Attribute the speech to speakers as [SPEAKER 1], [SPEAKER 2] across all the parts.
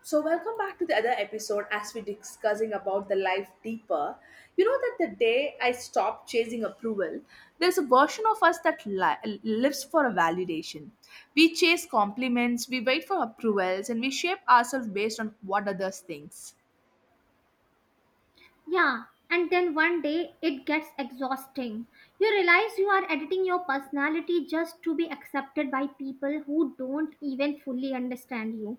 [SPEAKER 1] So welcome back to the other episode as we're discussing about the life deeper. You know that the day I stopped chasing approval, there's a version of us that lives for a validation. We chase compliments, we wait for approvals, and we shape ourselves based on what others thinks.
[SPEAKER 2] Yeah, and then one day it gets exhausting. You realize you are editing your personality just to be accepted by people who don't even fully understand you.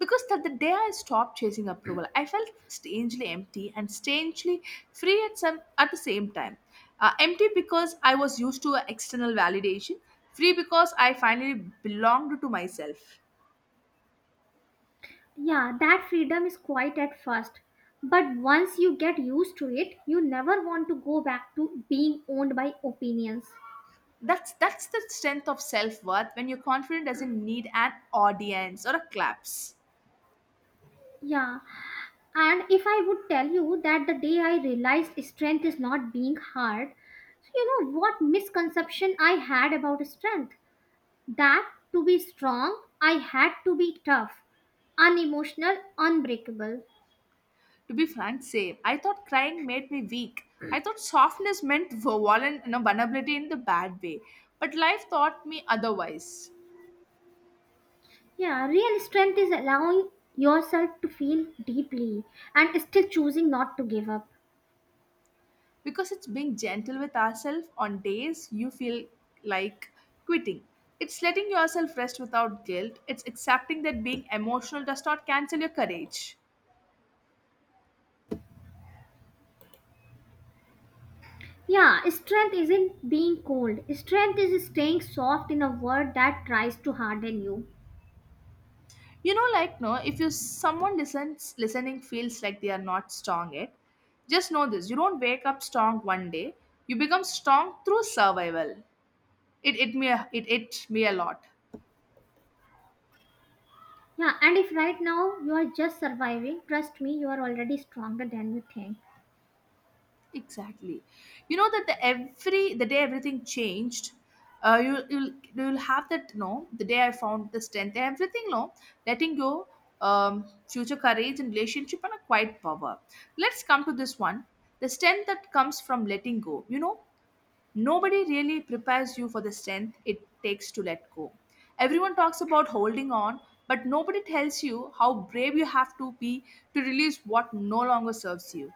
[SPEAKER 1] Because that, the day I stopped chasing approval, I felt strangely empty and strangely free at the same time. Empty because I was used to external validation, free because I finally belonged to myself.
[SPEAKER 2] Yeah, that freedom is quiet at first, but once you get used to it, you never want to go back to being owned by opinions.
[SPEAKER 1] That's the strength of self-worth, when your confidence doesn't need an audience or a claps.
[SPEAKER 2] Yeah, and if I would tell you that the day I realized strength is not being hard, you know what misconception I had about strength? That to be strong, I had to be tough, unemotional, unbreakable.
[SPEAKER 1] To be frank, same. I thought crying made me weak. I thought softness meant vulnerability, vulnerability in the bad way. But life taught me otherwise.
[SPEAKER 2] Yeah, real strength is allowing yourself to feel deeply and still choosing not to give up.
[SPEAKER 1] Because it's being gentle with ourselves on days you feel like quitting. It's letting yourself rest without guilt. It's accepting that being emotional does not cancel your courage.
[SPEAKER 2] Yeah, strength isn't being cold. Strength is staying soft in a world that tries to harden you.
[SPEAKER 1] You know, like no, if you someone listens listening feels like they are not strong yet, just know this: you don't wake up strong one day. You become strong through survival. It me it me a lot.
[SPEAKER 2] Yeah, and if right now you are just surviving, trust me, you are already stronger than you think.
[SPEAKER 1] Exactly. You know that the day everything changed. Uh, you you'll you'll have that, no, the day I found the strength, everything, no, letting go, um future, courage, and relationship, and a quiet power. Let's come to this one: the strength that comes from letting go. You know, nobody really prepares you for the strength it takes to let go. Everyone talks about holding on, but nobody tells you how brave you have to be to release what no longer serves you.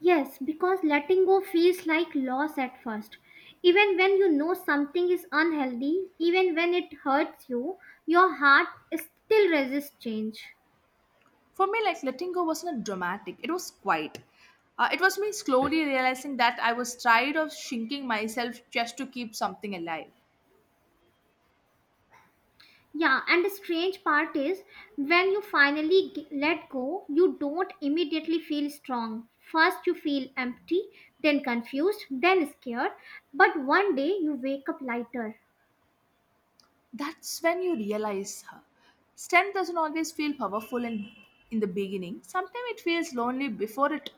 [SPEAKER 2] Yes, because letting go feels like loss at first. Even when you know something is unhealthy, even when it hurts you, your heart still resists change.
[SPEAKER 1] For me, like letting go wasn't dramatic. It was quiet. It was me slowly realizing that I was tired of shrinking myself just to keep something alive.
[SPEAKER 2] Yeah, and the strange part is, when you finally let go, you don't immediately feel strong. First, you feel empty, then confused, then scared, but one day you wake up lighter.
[SPEAKER 1] That's when you realize, huh, strength doesn't always feel powerful in, the beginning. Sometimes it feels lonely before it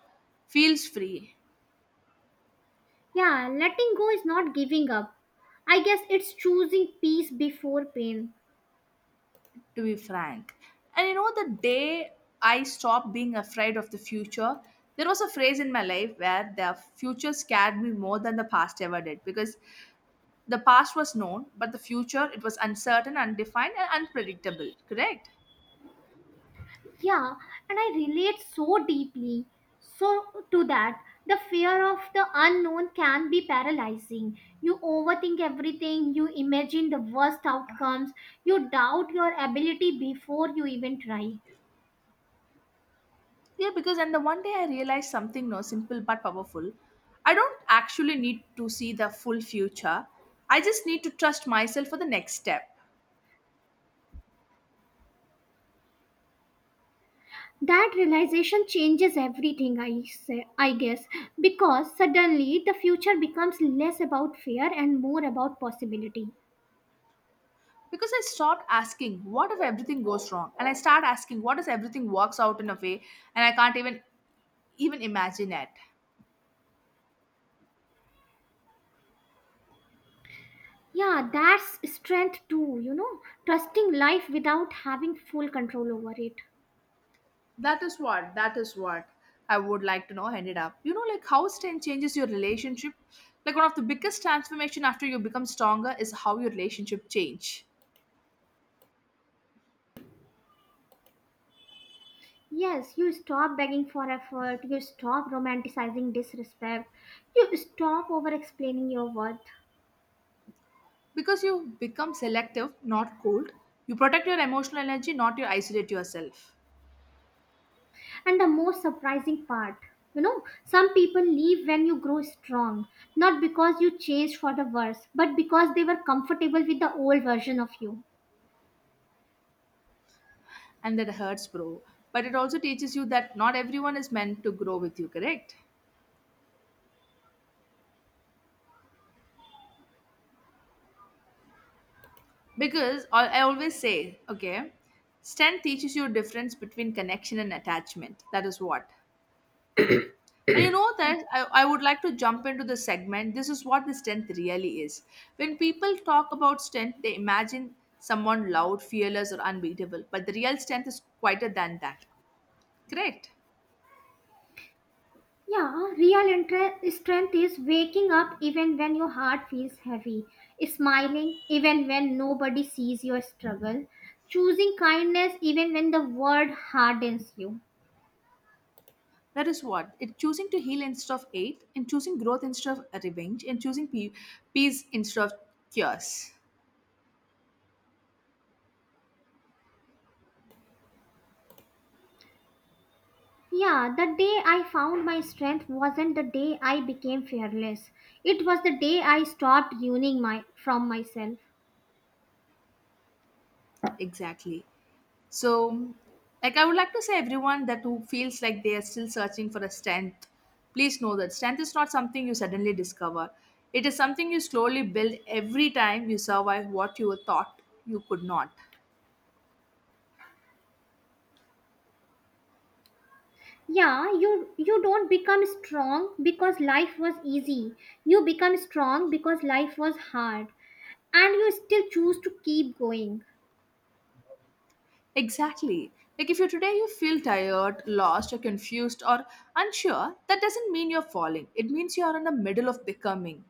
[SPEAKER 1] feels free,
[SPEAKER 2] Yeah, letting go is not giving up. I guess it's choosing peace before pain.
[SPEAKER 1] to be frank. And you know, the day I stopped being afraid of the future, there was a phrase in my life where the future scared me more than the past ever did, because the past was known, but the future, it was uncertain, undefined, and unpredictable. Correct?
[SPEAKER 2] Yeah, and I relate so deeply. So, to that, the fear of the unknown can be paralyzing. You overthink everything, you imagine the worst outcomes, you doubt your ability before you even try.
[SPEAKER 1] Yeah, because and the one day I realized something, no, simple but powerful. I don't actually need to see the full future. I just need to trust myself for the next step.
[SPEAKER 2] That realization changes everything, I guess, because suddenly the future becomes less about fear and more about possibility.
[SPEAKER 1] Because I stopped asking, what if everything goes wrong? And I start asking, what if everything works out in a way and I can't even imagine it?
[SPEAKER 2] Yeah, that's strength too, you know, trusting life without having full control over it.
[SPEAKER 1] That is what I would like to know ended up. You know, like how strength changes your relationship. Like one of the biggest transformation after you become stronger is how your relationship change.
[SPEAKER 2] Yes, you stop begging for effort, you stop romanticizing disrespect, you stop over explaining your worth.
[SPEAKER 1] Because you become selective, not cold. You protect your emotional energy, not you isolate yourself.
[SPEAKER 2] And the most surprising part, you know, some people leave when you grow strong, not because you changed for the worse, but because they were comfortable with the old version of you.
[SPEAKER 1] And that hurts, bro. But it also teaches you that not everyone is meant to grow with you, correct? Because I always say, okay, strength teaches you difference between connection and attachment. That is what. And you know that I would like to jump into the segment. This is what the strength really is. When people talk about strength, they imagine someone loud, fearless, or unbeatable. But the real strength is quieter than that. Correct.
[SPEAKER 2] Yeah, real strength is waking up even when your heart feels heavy, smiling even when nobody sees your struggle, choosing kindness even when the world hardens you.
[SPEAKER 1] That is what, it choosing to heal instead of hate, and choosing growth instead of revenge, and choosing peace instead of cures.
[SPEAKER 2] Yeah, the day I found my strength wasn't the day I became fearless. It was the day I stopped running my from myself.
[SPEAKER 1] Exactly. So, like, I would like to say, everyone that who feels like they are still searching for a strength, please know that strength is not something you suddenly discover. It is something you slowly build every time you survive what you thought you could not.
[SPEAKER 2] Yeah, you don't become strong because life was easy. You become strong because life was hard and you still choose to keep going.
[SPEAKER 1] Exactly. Like, if you today you feel tired, lost, or confused, or unsure, that doesn't mean you're falling. It means you're in the middle of becoming.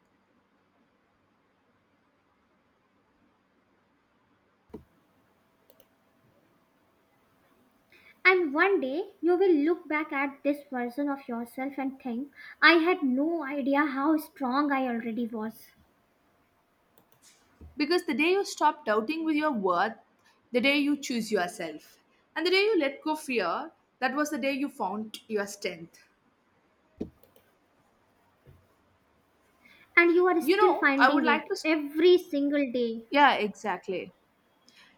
[SPEAKER 2] And one day you will look back at this version of yourself and think, I had no idea how strong I already was.
[SPEAKER 1] Because the day you stop doubting with your worth, the day you choose yourself, and the day you let go fear, that was the day you found your strength.
[SPEAKER 2] And you are
[SPEAKER 1] You
[SPEAKER 2] still
[SPEAKER 1] know, I would
[SPEAKER 2] finding
[SPEAKER 1] like to.
[SPEAKER 2] it every single day.
[SPEAKER 1] Yeah, exactly.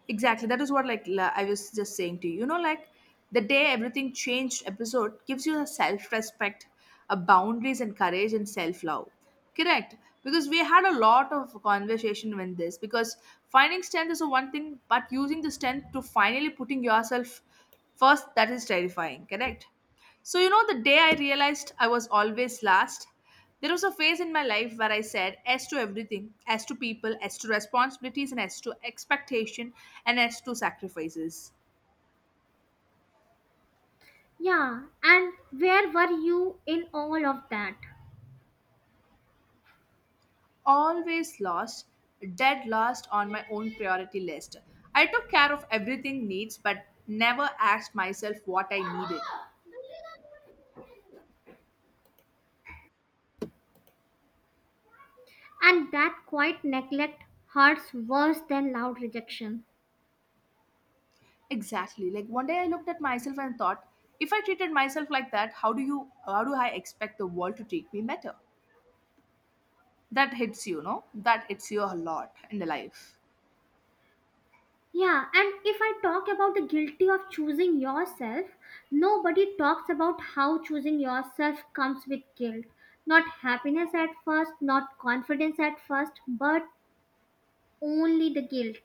[SPEAKER 1] Exactly. That is what, like I was just saying to you. You know, like the day everything changed episode gives you a self-respect, a boundaries and courage and self-love. Correct. Because we had a lot of conversation when this, because finding strength is a one thing, but using the strength to finally putting yourself first, that is terrifying. Correct. So, you know, the day I realized I was always last, there was a phase in my life where I said as to everything, as to people, as to responsibilities, and as to expectation, and as to sacrifices.
[SPEAKER 2] Yeah, and where were you in all of that?
[SPEAKER 1] Always lost, dead last on my own priority list. I took care of everything needs, but never asked myself what I needed.
[SPEAKER 2] And that quiet neglect hurts worse than loud rejection.
[SPEAKER 1] Exactly. Like one day I looked at myself and thought, if I treated myself like that, how do I expect the world to treat me better? That hits you a lot in the life.
[SPEAKER 2] Yeah, and if I talk about the guilty of choosing yourself, nobody talks about how choosing yourself comes with guilt. Not happiness at first, not confidence at first, but only the guilt.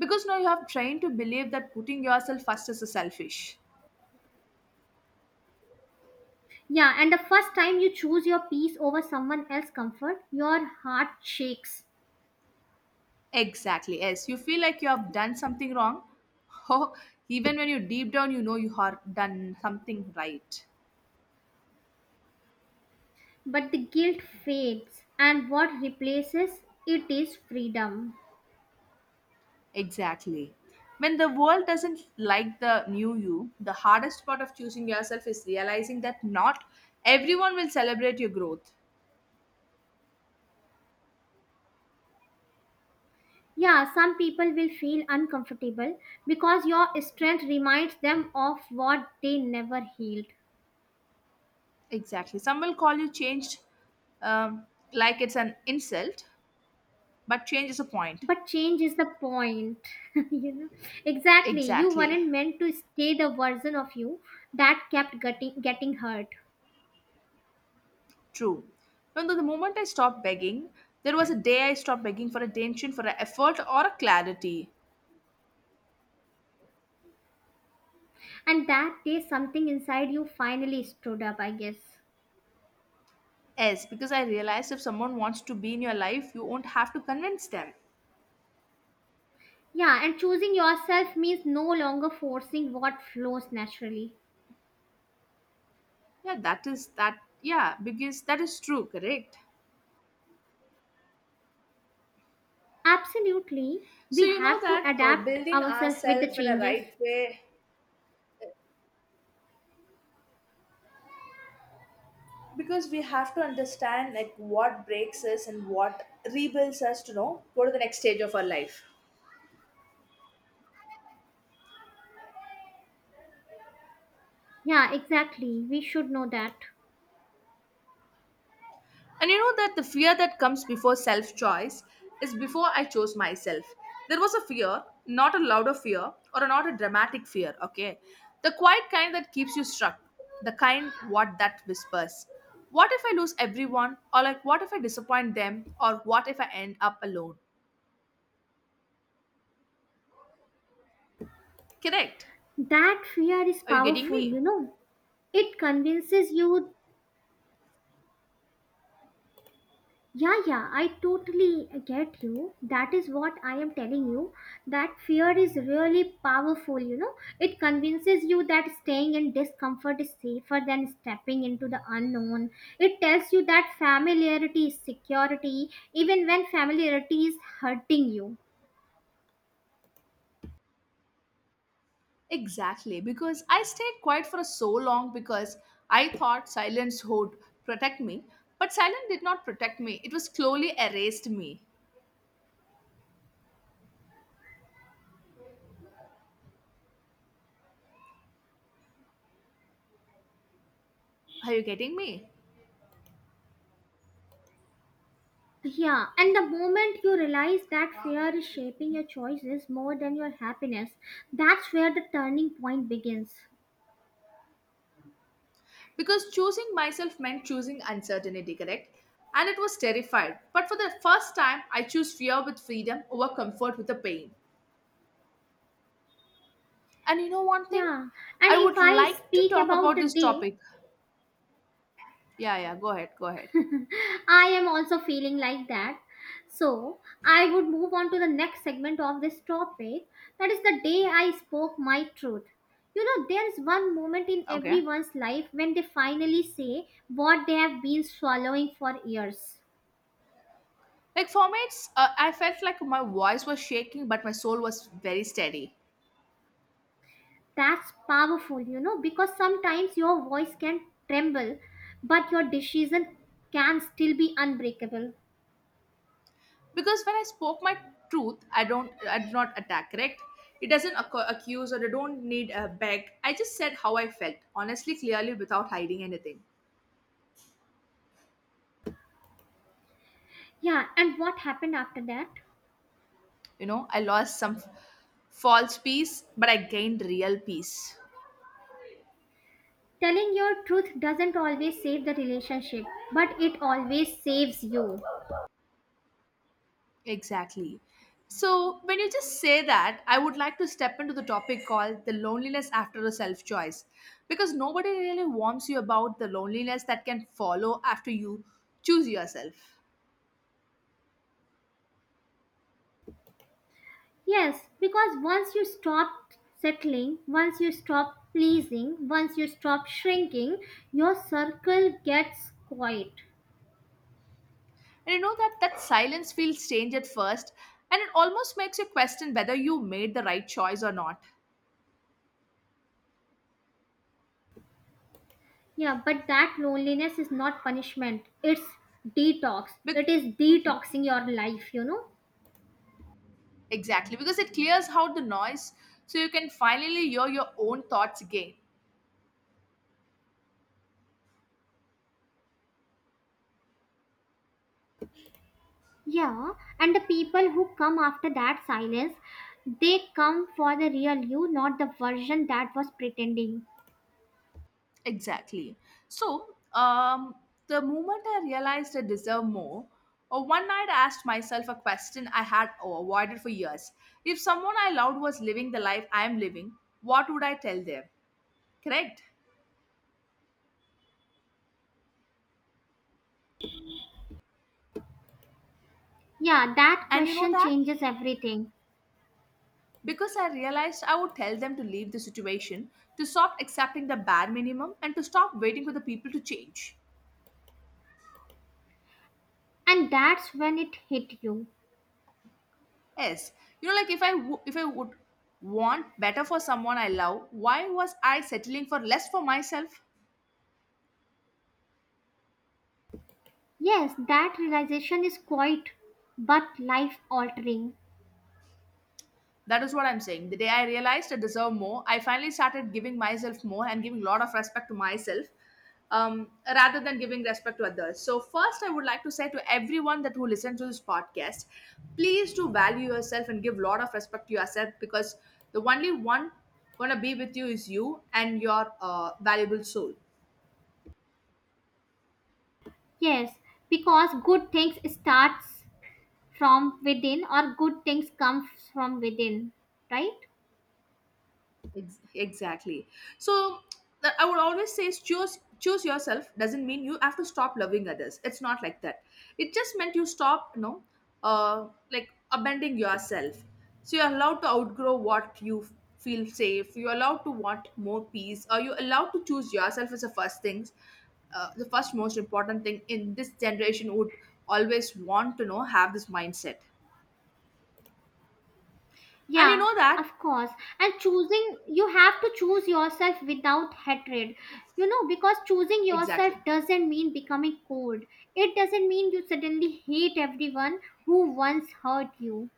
[SPEAKER 1] Because now you have trained to believe that putting yourself first is selfish.
[SPEAKER 2] Yeah, and the first time you choose your peace over someone else's comfort, your heart shakes.
[SPEAKER 1] Exactly. Yes, you feel like you have done something wrong. Oh, even when you, deep down, you know you have done something right.
[SPEAKER 2] But the guilt fades, and what replaces it is freedom.
[SPEAKER 1] Exactly. When the world doesn't like the new you, the hardest part of choosing yourself is realizing that not everyone will celebrate your growth.
[SPEAKER 2] Yeah, some people will feel uncomfortable because your strength reminds them of what they never healed.
[SPEAKER 1] Exactly. Some will call you changed, um, like it's an insult. But change is a point.
[SPEAKER 2] But change is the point. You know? Exactly. You
[SPEAKER 1] Exactly.
[SPEAKER 2] weren't meant to stay the version of you that kept getting hurt.
[SPEAKER 1] True. Even though the moment I stopped begging, there was a day I stopped begging for attention, for an effort, or a clarity.
[SPEAKER 2] And that day, something inside you finally stood up, I guess.
[SPEAKER 1] Yes, because I realized if someone wants to be in your life, you won't have to convince them.
[SPEAKER 2] Yeah, and choosing yourself means no longer forcing what flows naturally.
[SPEAKER 1] Yeah, that is that. Yeah, because that is true, correct?
[SPEAKER 2] Absolutely.
[SPEAKER 1] So,
[SPEAKER 2] We
[SPEAKER 1] you know
[SPEAKER 2] have to
[SPEAKER 1] that
[SPEAKER 2] adapt
[SPEAKER 1] building
[SPEAKER 2] ourselves with the
[SPEAKER 1] ourselves in a
[SPEAKER 2] changes.
[SPEAKER 1] right way, because we have to understand like what breaks us and what rebuilds us to know go to the next stage of our life.
[SPEAKER 2] Yeah, exactly. We should know that.
[SPEAKER 1] And you know that the fear that comes before self choice is before I chose myself. There was a fear, not a louder fear or not a dramatic fear, okay? The quiet kind that keeps you struck, the kind what that whispers. What if I lose everyone? Or like, what if I disappoint them? Or what if I end up alone? Correct.
[SPEAKER 2] That fear is
[SPEAKER 1] Are you getting
[SPEAKER 2] powerful,
[SPEAKER 1] me?
[SPEAKER 2] you know. It convinces you. Yeah, yeah, I totally get you. That is what I am telling you. That fear is really powerful, you know. It convinces you that staying in discomfort is safer than stepping into the unknown. It tells you that familiarity is security, even when familiarity is hurting you.
[SPEAKER 1] Exactly, because I stayed quiet for so long because I thought silence would protect me, but silence did not protect me. It was slowly erased me. Are you getting me?
[SPEAKER 2] Yeah, and the moment you realize that fear is shaping your choices more than your happiness, that's where the turning point begins.
[SPEAKER 1] Because choosing myself meant choosing uncertainty, correct? And it was terrified. But for the first time, I choose fear with freedom over comfort with the pain. And you know one thing?
[SPEAKER 2] Yeah, and
[SPEAKER 1] I
[SPEAKER 2] if
[SPEAKER 1] would
[SPEAKER 2] I
[SPEAKER 1] like to
[SPEAKER 2] speak
[SPEAKER 1] talk
[SPEAKER 2] about
[SPEAKER 1] about
[SPEAKER 2] the
[SPEAKER 1] this
[SPEAKER 2] day,
[SPEAKER 1] topic. Yeah, yeah, go ahead, go ahead.
[SPEAKER 2] I am also feeling like that. So, I would move on to the next segment of this topic, that is the day I spoke my truth. You know, there's one moment in
[SPEAKER 1] Okay.
[SPEAKER 2] everyone's life when they finally say what they have been swallowing for years.
[SPEAKER 1] Like for me, it's, I felt like my voice was shaking, but my soul was very steady.
[SPEAKER 2] That's powerful, you know, because sometimes your voice can tremble, but your decision can still be unbreakable.
[SPEAKER 1] Because when I spoke my truth, I did not attack, correct. It doesn't accuse, or I don't need a beg. I just said how I felt, honestly, clearly, without hiding anything.
[SPEAKER 2] Yeah, and what happened after that?
[SPEAKER 1] You know, I lost some false peace, but I gained real peace.
[SPEAKER 2] Telling your truth doesn't always save the relationship, but it always saves you.
[SPEAKER 1] Exactly. So, when you just say that, I would like to step into the topic called the loneliness after a self choice, because nobody really warns you about the loneliness that can follow after you choose yourself.
[SPEAKER 2] Yes, because once you stop settling, once you stop pleasing, once you stop shrinking, your circle gets quiet.
[SPEAKER 1] And you know that that silence feels strange at first, and it almost makes you question whether you made the right choice or not.
[SPEAKER 2] Yeah, but that loneliness is not punishment. It's detox. It
[SPEAKER 1] Bec-
[SPEAKER 2] is
[SPEAKER 1] Mhm,
[SPEAKER 2] detoxing your life, you know?
[SPEAKER 1] exactly, because it clears out the noise, so you can finally hear your own thoughts again.
[SPEAKER 2] Yeah, and the people who come after that silence, they come for the real you, not the version that was pretending.
[SPEAKER 1] Exactly. So, the moment I realized I deserve more, or one night I asked myself a question I had avoided for years: if someone I loved was living the life I am living, what would I tell them? Correct.
[SPEAKER 2] Yeah, that
[SPEAKER 1] And you know
[SPEAKER 2] question
[SPEAKER 1] that?
[SPEAKER 2] changes everything.
[SPEAKER 1] Because I realized I would tell them to leave the situation, to stop accepting the bare minimum, and to stop waiting for the people to change.
[SPEAKER 2] And that's when it hit you.
[SPEAKER 1] Yes, you know, like if I would want better for someone I love, why was I settling for less for myself?
[SPEAKER 2] Yes, that realization is quite but life altering.
[SPEAKER 1] That is what I'm saying. The day I realized I deserve more, I finally started giving myself more and giving a lot of respect to myself, rather than giving respect to others. So, first, I would like to say to everyone that who listens to this podcast, please do value yourself and give a lot of respect to yourself, because the only one gonna be with you is you and your valuable soul.
[SPEAKER 2] Yes, because good things starts from within, or good things come from within, right?
[SPEAKER 1] Exactly. So that I would always say is choose yourself. Doesn't mean you have to stop loving others, it's not like that. It just meant you stop, abandoning yourself. So you're allowed to outgrow what you feel safe, you're allowed to want more peace, or you're allowed to choose yourself as the first things. Uh, the first most important thing in this generation would always want to know, have this mindset, and you
[SPEAKER 2] Yeah,
[SPEAKER 1] know that
[SPEAKER 2] of course. And choosing, you have to choose yourself without hatred, you know, because choosing yourself
[SPEAKER 1] exactly.
[SPEAKER 2] doesn't mean becoming cold. It doesn't mean you suddenly hate everyone who once hurt you.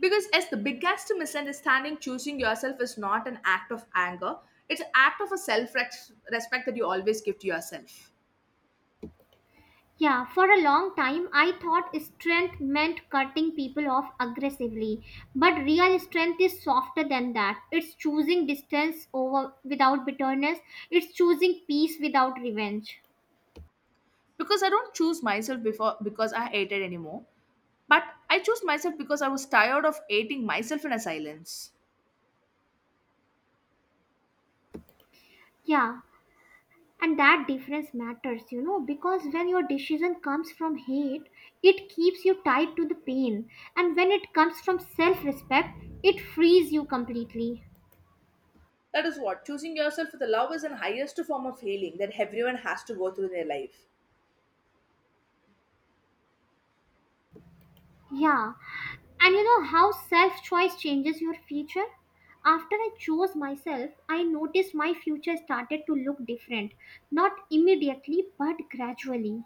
[SPEAKER 1] Because as the biggest misunderstanding, choosing yourself is not an act of anger. It's an act of a self-respect that you always give to yourself.
[SPEAKER 2] Yeah, for a long time I thought strength meant cutting people off aggressively. But real strength is softer than that. It's choosing distance over without bitterness. It's choosing peace without revenge.
[SPEAKER 1] Because I don't choose myself before because I hated anymore. But I choose myself because I was tired of hating myself in a silence.
[SPEAKER 2] Yeah, and that difference matters, you know, because when your decision comes from hate, it keeps you tied to the pain. And when it comes from self-respect, it frees you completely.
[SPEAKER 1] That is what choosing yourself with the love is the highest form of healing that everyone has to go through in their life.
[SPEAKER 2] Yeah, and you know how self choice changes your future? After I chose myself, I noticed my future started to look different. Not immediately, but gradually.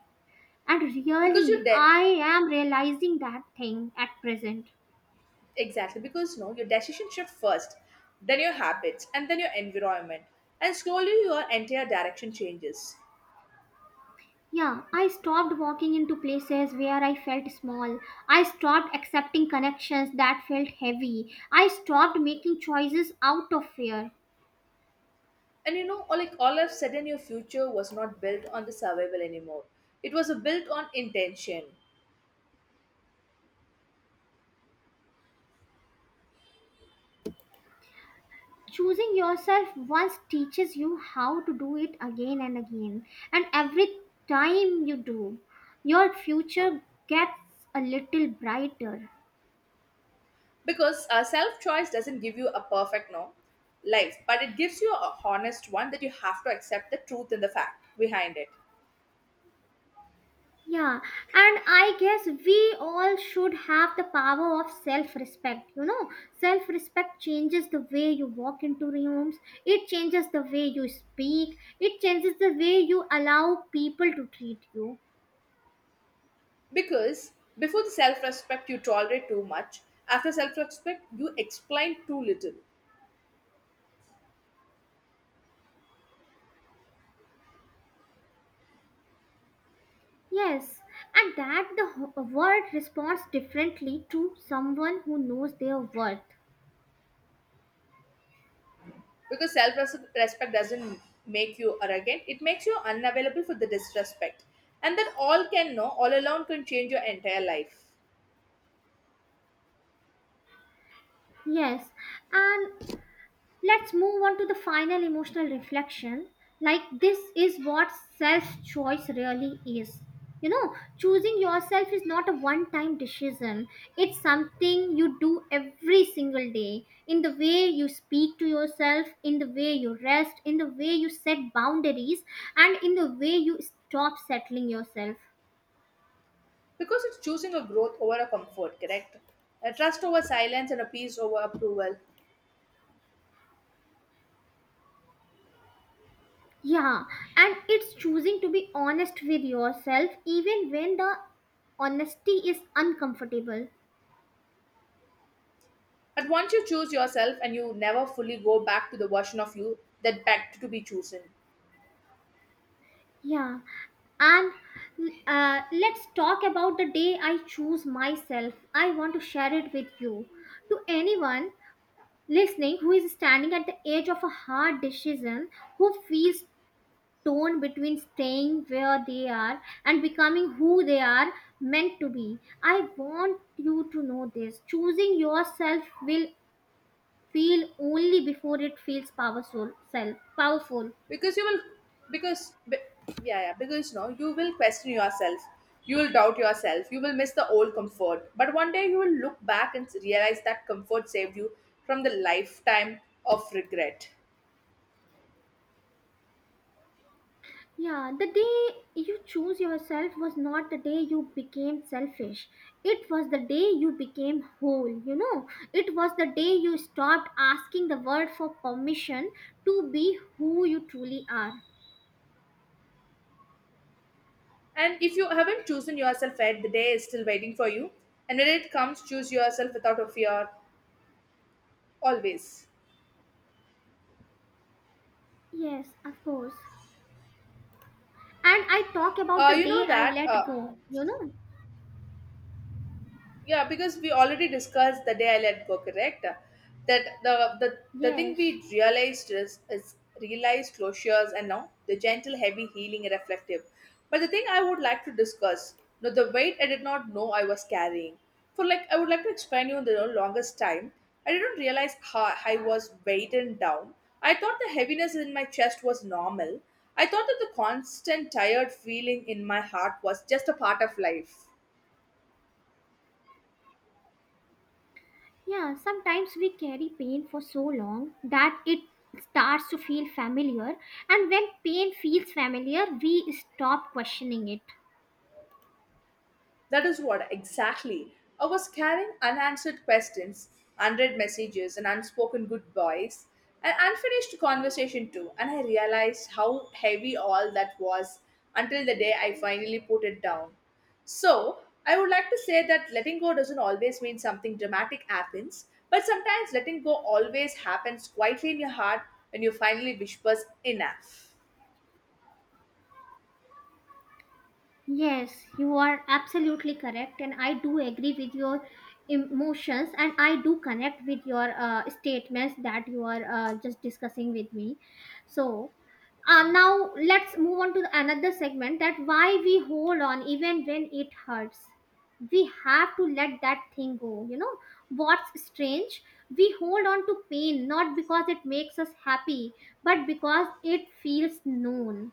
[SPEAKER 2] And
[SPEAKER 1] Because you
[SPEAKER 2] really,
[SPEAKER 1] de-
[SPEAKER 2] I am realizing that thing at present.
[SPEAKER 1] exactly because no, your decision shift first, then your habits, and then your environment, and slowly your entire direction changes.
[SPEAKER 2] Yeah, I stopped walking into places where I felt small. I stopped accepting connections that felt heavy. I stopped making choices out of fear.
[SPEAKER 1] And you know, all of a sudden, your future was not built on the survival anymore. It was a built on intention
[SPEAKER 2] Choosing yourself once teaches you how to do it again and again, and every time you do, your future gets a little brighter.
[SPEAKER 1] because self choice doesn't give you a perfect no life, but it gives you a honest one that you have to accept the truth and the fact behind it.
[SPEAKER 2] Yeah, and I guess we all should have the power of self respect, you know. Self respect changes the way you walk into rooms. It changes the way you speak, it changes the way you allow people to treat you.
[SPEAKER 1] Because before the self respect, you tolerate too much. After self respect, you explain too little.
[SPEAKER 2] Yes, and that the ho- world responds differently to someone who knows their worth.
[SPEAKER 1] Because self respect doesn't make you arrogant, it makes you unavailable for the disrespect. And that all can know, all alone can change your entire life.
[SPEAKER 2] Yes, and let's move on to the final emotional reflection. Like, this is what self choice really is. You know, choosing yourself is not a one time decision, it's something you do every single day, in the way you speak to yourself, in the way you rest, in the way you set boundaries, and in the way you stop settling yourself.
[SPEAKER 1] Because it's choosing a growth over a comfort, correct? A trust over silence and a peace over approval.
[SPEAKER 2] Yeah, and it's choosing to be honest with yourself even when the honesty is uncomfortable.
[SPEAKER 1] But once you choose yourself and you never fully go back to the version of you that begged to be chosen.
[SPEAKER 2] Yeah, and let's talk about the day I choose myself. I want to share it with you. To anyone listening who is standing at the edge of a hard decision, who feels torn between staying where they are and becoming who they are meant to be, I want you to know this. Choosing yourself will feel only before it feels powerful self powerful.
[SPEAKER 1] Because you will, because, be- yeah, yeah, because no, you will question yourself. You will doubt yourself. You will miss the old comfort. But one day you will look back and realize that comfort saved you from the lifetime of regret.
[SPEAKER 2] Yeah, the day you choose yourself was not the day you became selfish. It was the day you became whole, you know. It was the day you stopped asking the world for permission to be who you truly are.
[SPEAKER 1] And if you haven't chosen yourself yet, the day is still waiting for you. And when it comes, choose yourself without a fear, always.
[SPEAKER 2] Yes, of course. And I talk about the
[SPEAKER 1] You
[SPEAKER 2] day
[SPEAKER 1] know
[SPEAKER 2] I
[SPEAKER 1] that.
[SPEAKER 2] let go, you know.
[SPEAKER 1] Yeah, because we already discussed the day I let go, correct? That the thing
[SPEAKER 2] Yes.
[SPEAKER 1] we realized is realized closures, and now the gentle, heavy healing and reflective. But the thing I would like to discuss, you know, the weight I did not know I was carrying. For like, I would like to explain you the longest time. I didn't realize how I was weighted down. I thought the heaviness in my chest was normal. I thought that the constant tired feeling in my heart was just a part of life.
[SPEAKER 2] Yeah, sometimes we carry pain for so long that it starts to feel familiar, and when pain feels familiar, we stop questioning it.
[SPEAKER 1] That is what exactly. I was carrying unanswered questions, unread messages, and unspoken goodbyes, an unfinished conversation too, and I realized how heavy all that was until the day I finally put it down. So, I would like to say that letting go doesn't always mean something dramatic happens, but sometimes letting go always happens quietly in your heart when you finally whispers enough.
[SPEAKER 2] Yes, you are absolutely correct, and I do agree with your emotions, and I do connect with your statements that you are just discussing with me. So, now let's move on to another segment, that why we hold on even when it hurts. We have to let that thing go. You know, what's strange? We hold on to pain not because it makes us happy, but because it feels known.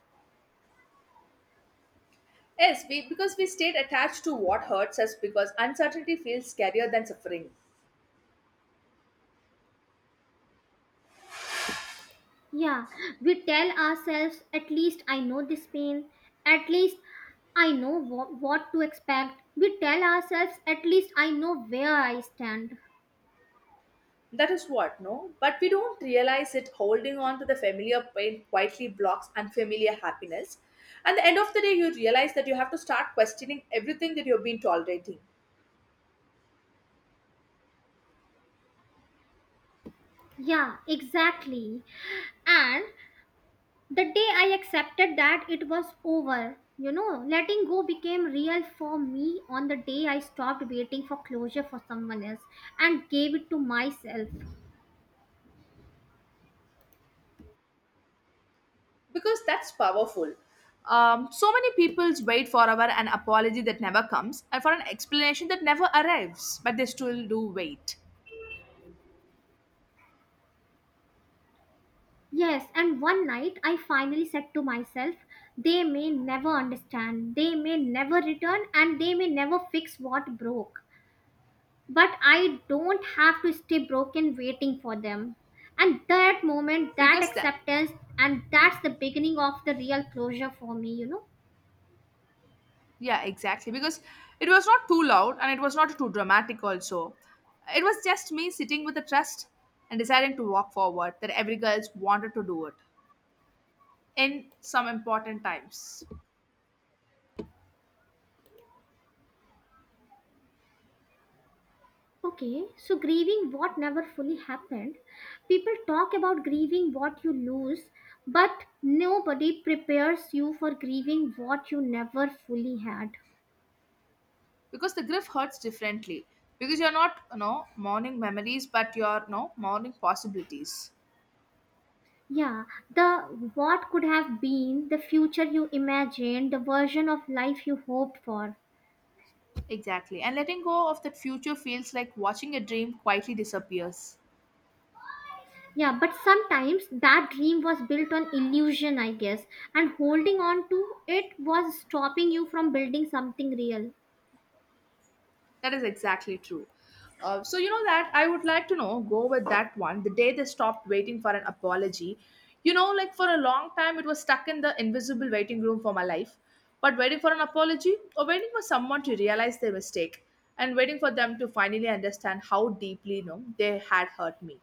[SPEAKER 1] Yes, we because we stayed attached to what hurts us because uncertainty feels scarier than suffering.
[SPEAKER 2] Yeah, we tell ourselves, at least I know this pain, at least I know what to expect. We tell ourselves, at least I know where I stand.
[SPEAKER 1] That is what, no? But we don't realize it holding on to the familiar pain quietly blocks unfamiliar happiness. At the end of the day, you realize that you have to start questioning everything that you've been tolerating
[SPEAKER 2] Yeah, exactly. And the day I accepted that it was over, you know, letting go became real for me on the day I stopped waiting for closure for someone else and gave it to myself.
[SPEAKER 1] because that's powerful. So many people wait forever an apology that never comes and for an explanation that never arrives, but they still do wait
[SPEAKER 2] Yes, and one night I finally said to myself, they may never understand, they may never return, and they may never fix what broke. But I don't have to stay broken waiting for them. And that moment, that
[SPEAKER 1] because that
[SPEAKER 2] acceptance, and that's the beginning of the real closure for me, you know.
[SPEAKER 1] Yeah, exactly. Because it was not too loud and it was not too dramatic, also. It was just me sitting with the trust and deciding to walk forward that every girl wanted to do it in some important times.
[SPEAKER 2] Okay, so grieving what never fully happened. People talk about grieving what you lose, but nobody prepares you for grieving what you never fully had.
[SPEAKER 1] Because the grief hurts differently. Because you're not, you know, mourning memories, but you're, you know, mourning possibilities.
[SPEAKER 2] Yeah, the what could have been, the future you imagined, the version of life you hoped for.
[SPEAKER 1] Exactly. And letting go of that future feels like watching a dream quietly disappears.
[SPEAKER 2] Yeah, but sometimes that dream was built on illusion, I guess, and holding on to it was stopping you from building something real.
[SPEAKER 1] That is exactly true. So you know that I would like to know go with that one. The day they stopped waiting for an apology, you know, like for a long time it was stuck in the invisible waiting room for my life. But waiting for an apology or waiting for someone to realize their mistake and waiting for them to finally understand how deeply you know they had hurt me.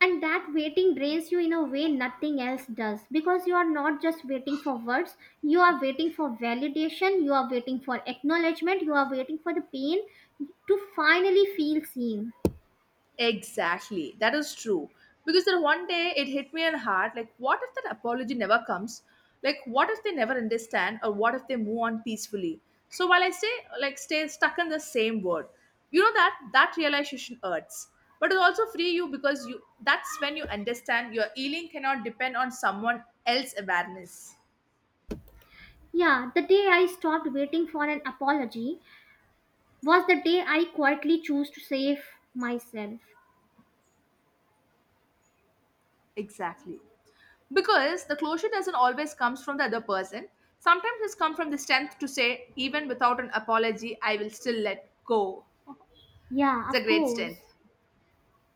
[SPEAKER 2] And that waiting drains you in a way nothing else does, because you are not just waiting for words, you are waiting for validation, you are waiting for acknowledgement, you are waiting for the pain to finally feel seen.
[SPEAKER 1] Exactly. That is true. Because then one day it hit me in hard, like what if that apology never comes? Like what if they never understand, or what if they move on peacefully? So while I stay stuck in the same word, you know that that realization hurts. But it also free you because you that's when you understand your healing cannot depend on someone else's awareness.
[SPEAKER 2] Yeah, the day I stopped waiting for an apology was the day I quietly chose to save myself.
[SPEAKER 1] Exactly. Because the closure doesn't always comes from the other person, sometimes it's come from the strength to say even without an apology I will still let go.
[SPEAKER 2] Yeah,
[SPEAKER 1] It's a
[SPEAKER 2] of
[SPEAKER 1] great
[SPEAKER 2] course.
[SPEAKER 1] strength.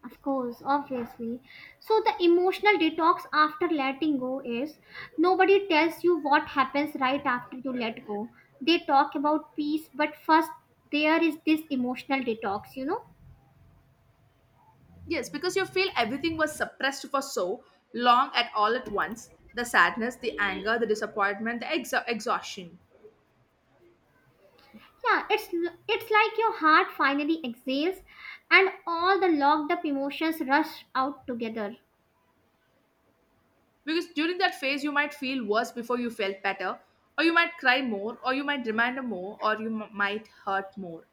[SPEAKER 2] Of course, obviously. So, the emotional detox after letting go is, nobody tells you what happens right after you let go. They talk about peace, but first, there is this emotional detox, you know?
[SPEAKER 1] Yes, because you feel everything was suppressed for so long at all at once: the sadness, the anger, the disappointment, the exhaustion.
[SPEAKER 2] Yeah, it's like your heart finally exhales and all the locked up emotions rush out together.
[SPEAKER 1] Because during that phase you might feel worse before you felt better, or you might cry more, or you might remind more, or you might hurt more.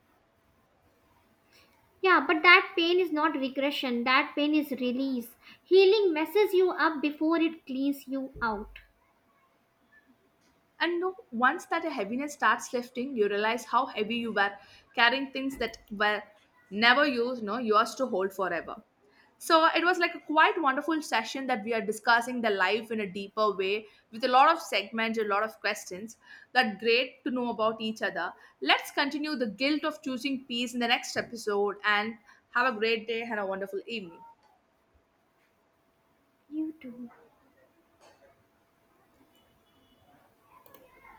[SPEAKER 2] Yeah, but that pain is not regression, that pain is release. Healing messes you up before it cleans you out.
[SPEAKER 1] And no, once that heaviness starts lifting, you realize how heavy you were carrying things that were never used, no, yours to hold forever. So it was like a quite wonderful session that we are discussing the life in a deeper way, with a lot of segments, a lot of questions, that great to know about each other. Let's continue the guilt of choosing peace in the next episode, and have a great day and a wonderful evening.
[SPEAKER 2] You too.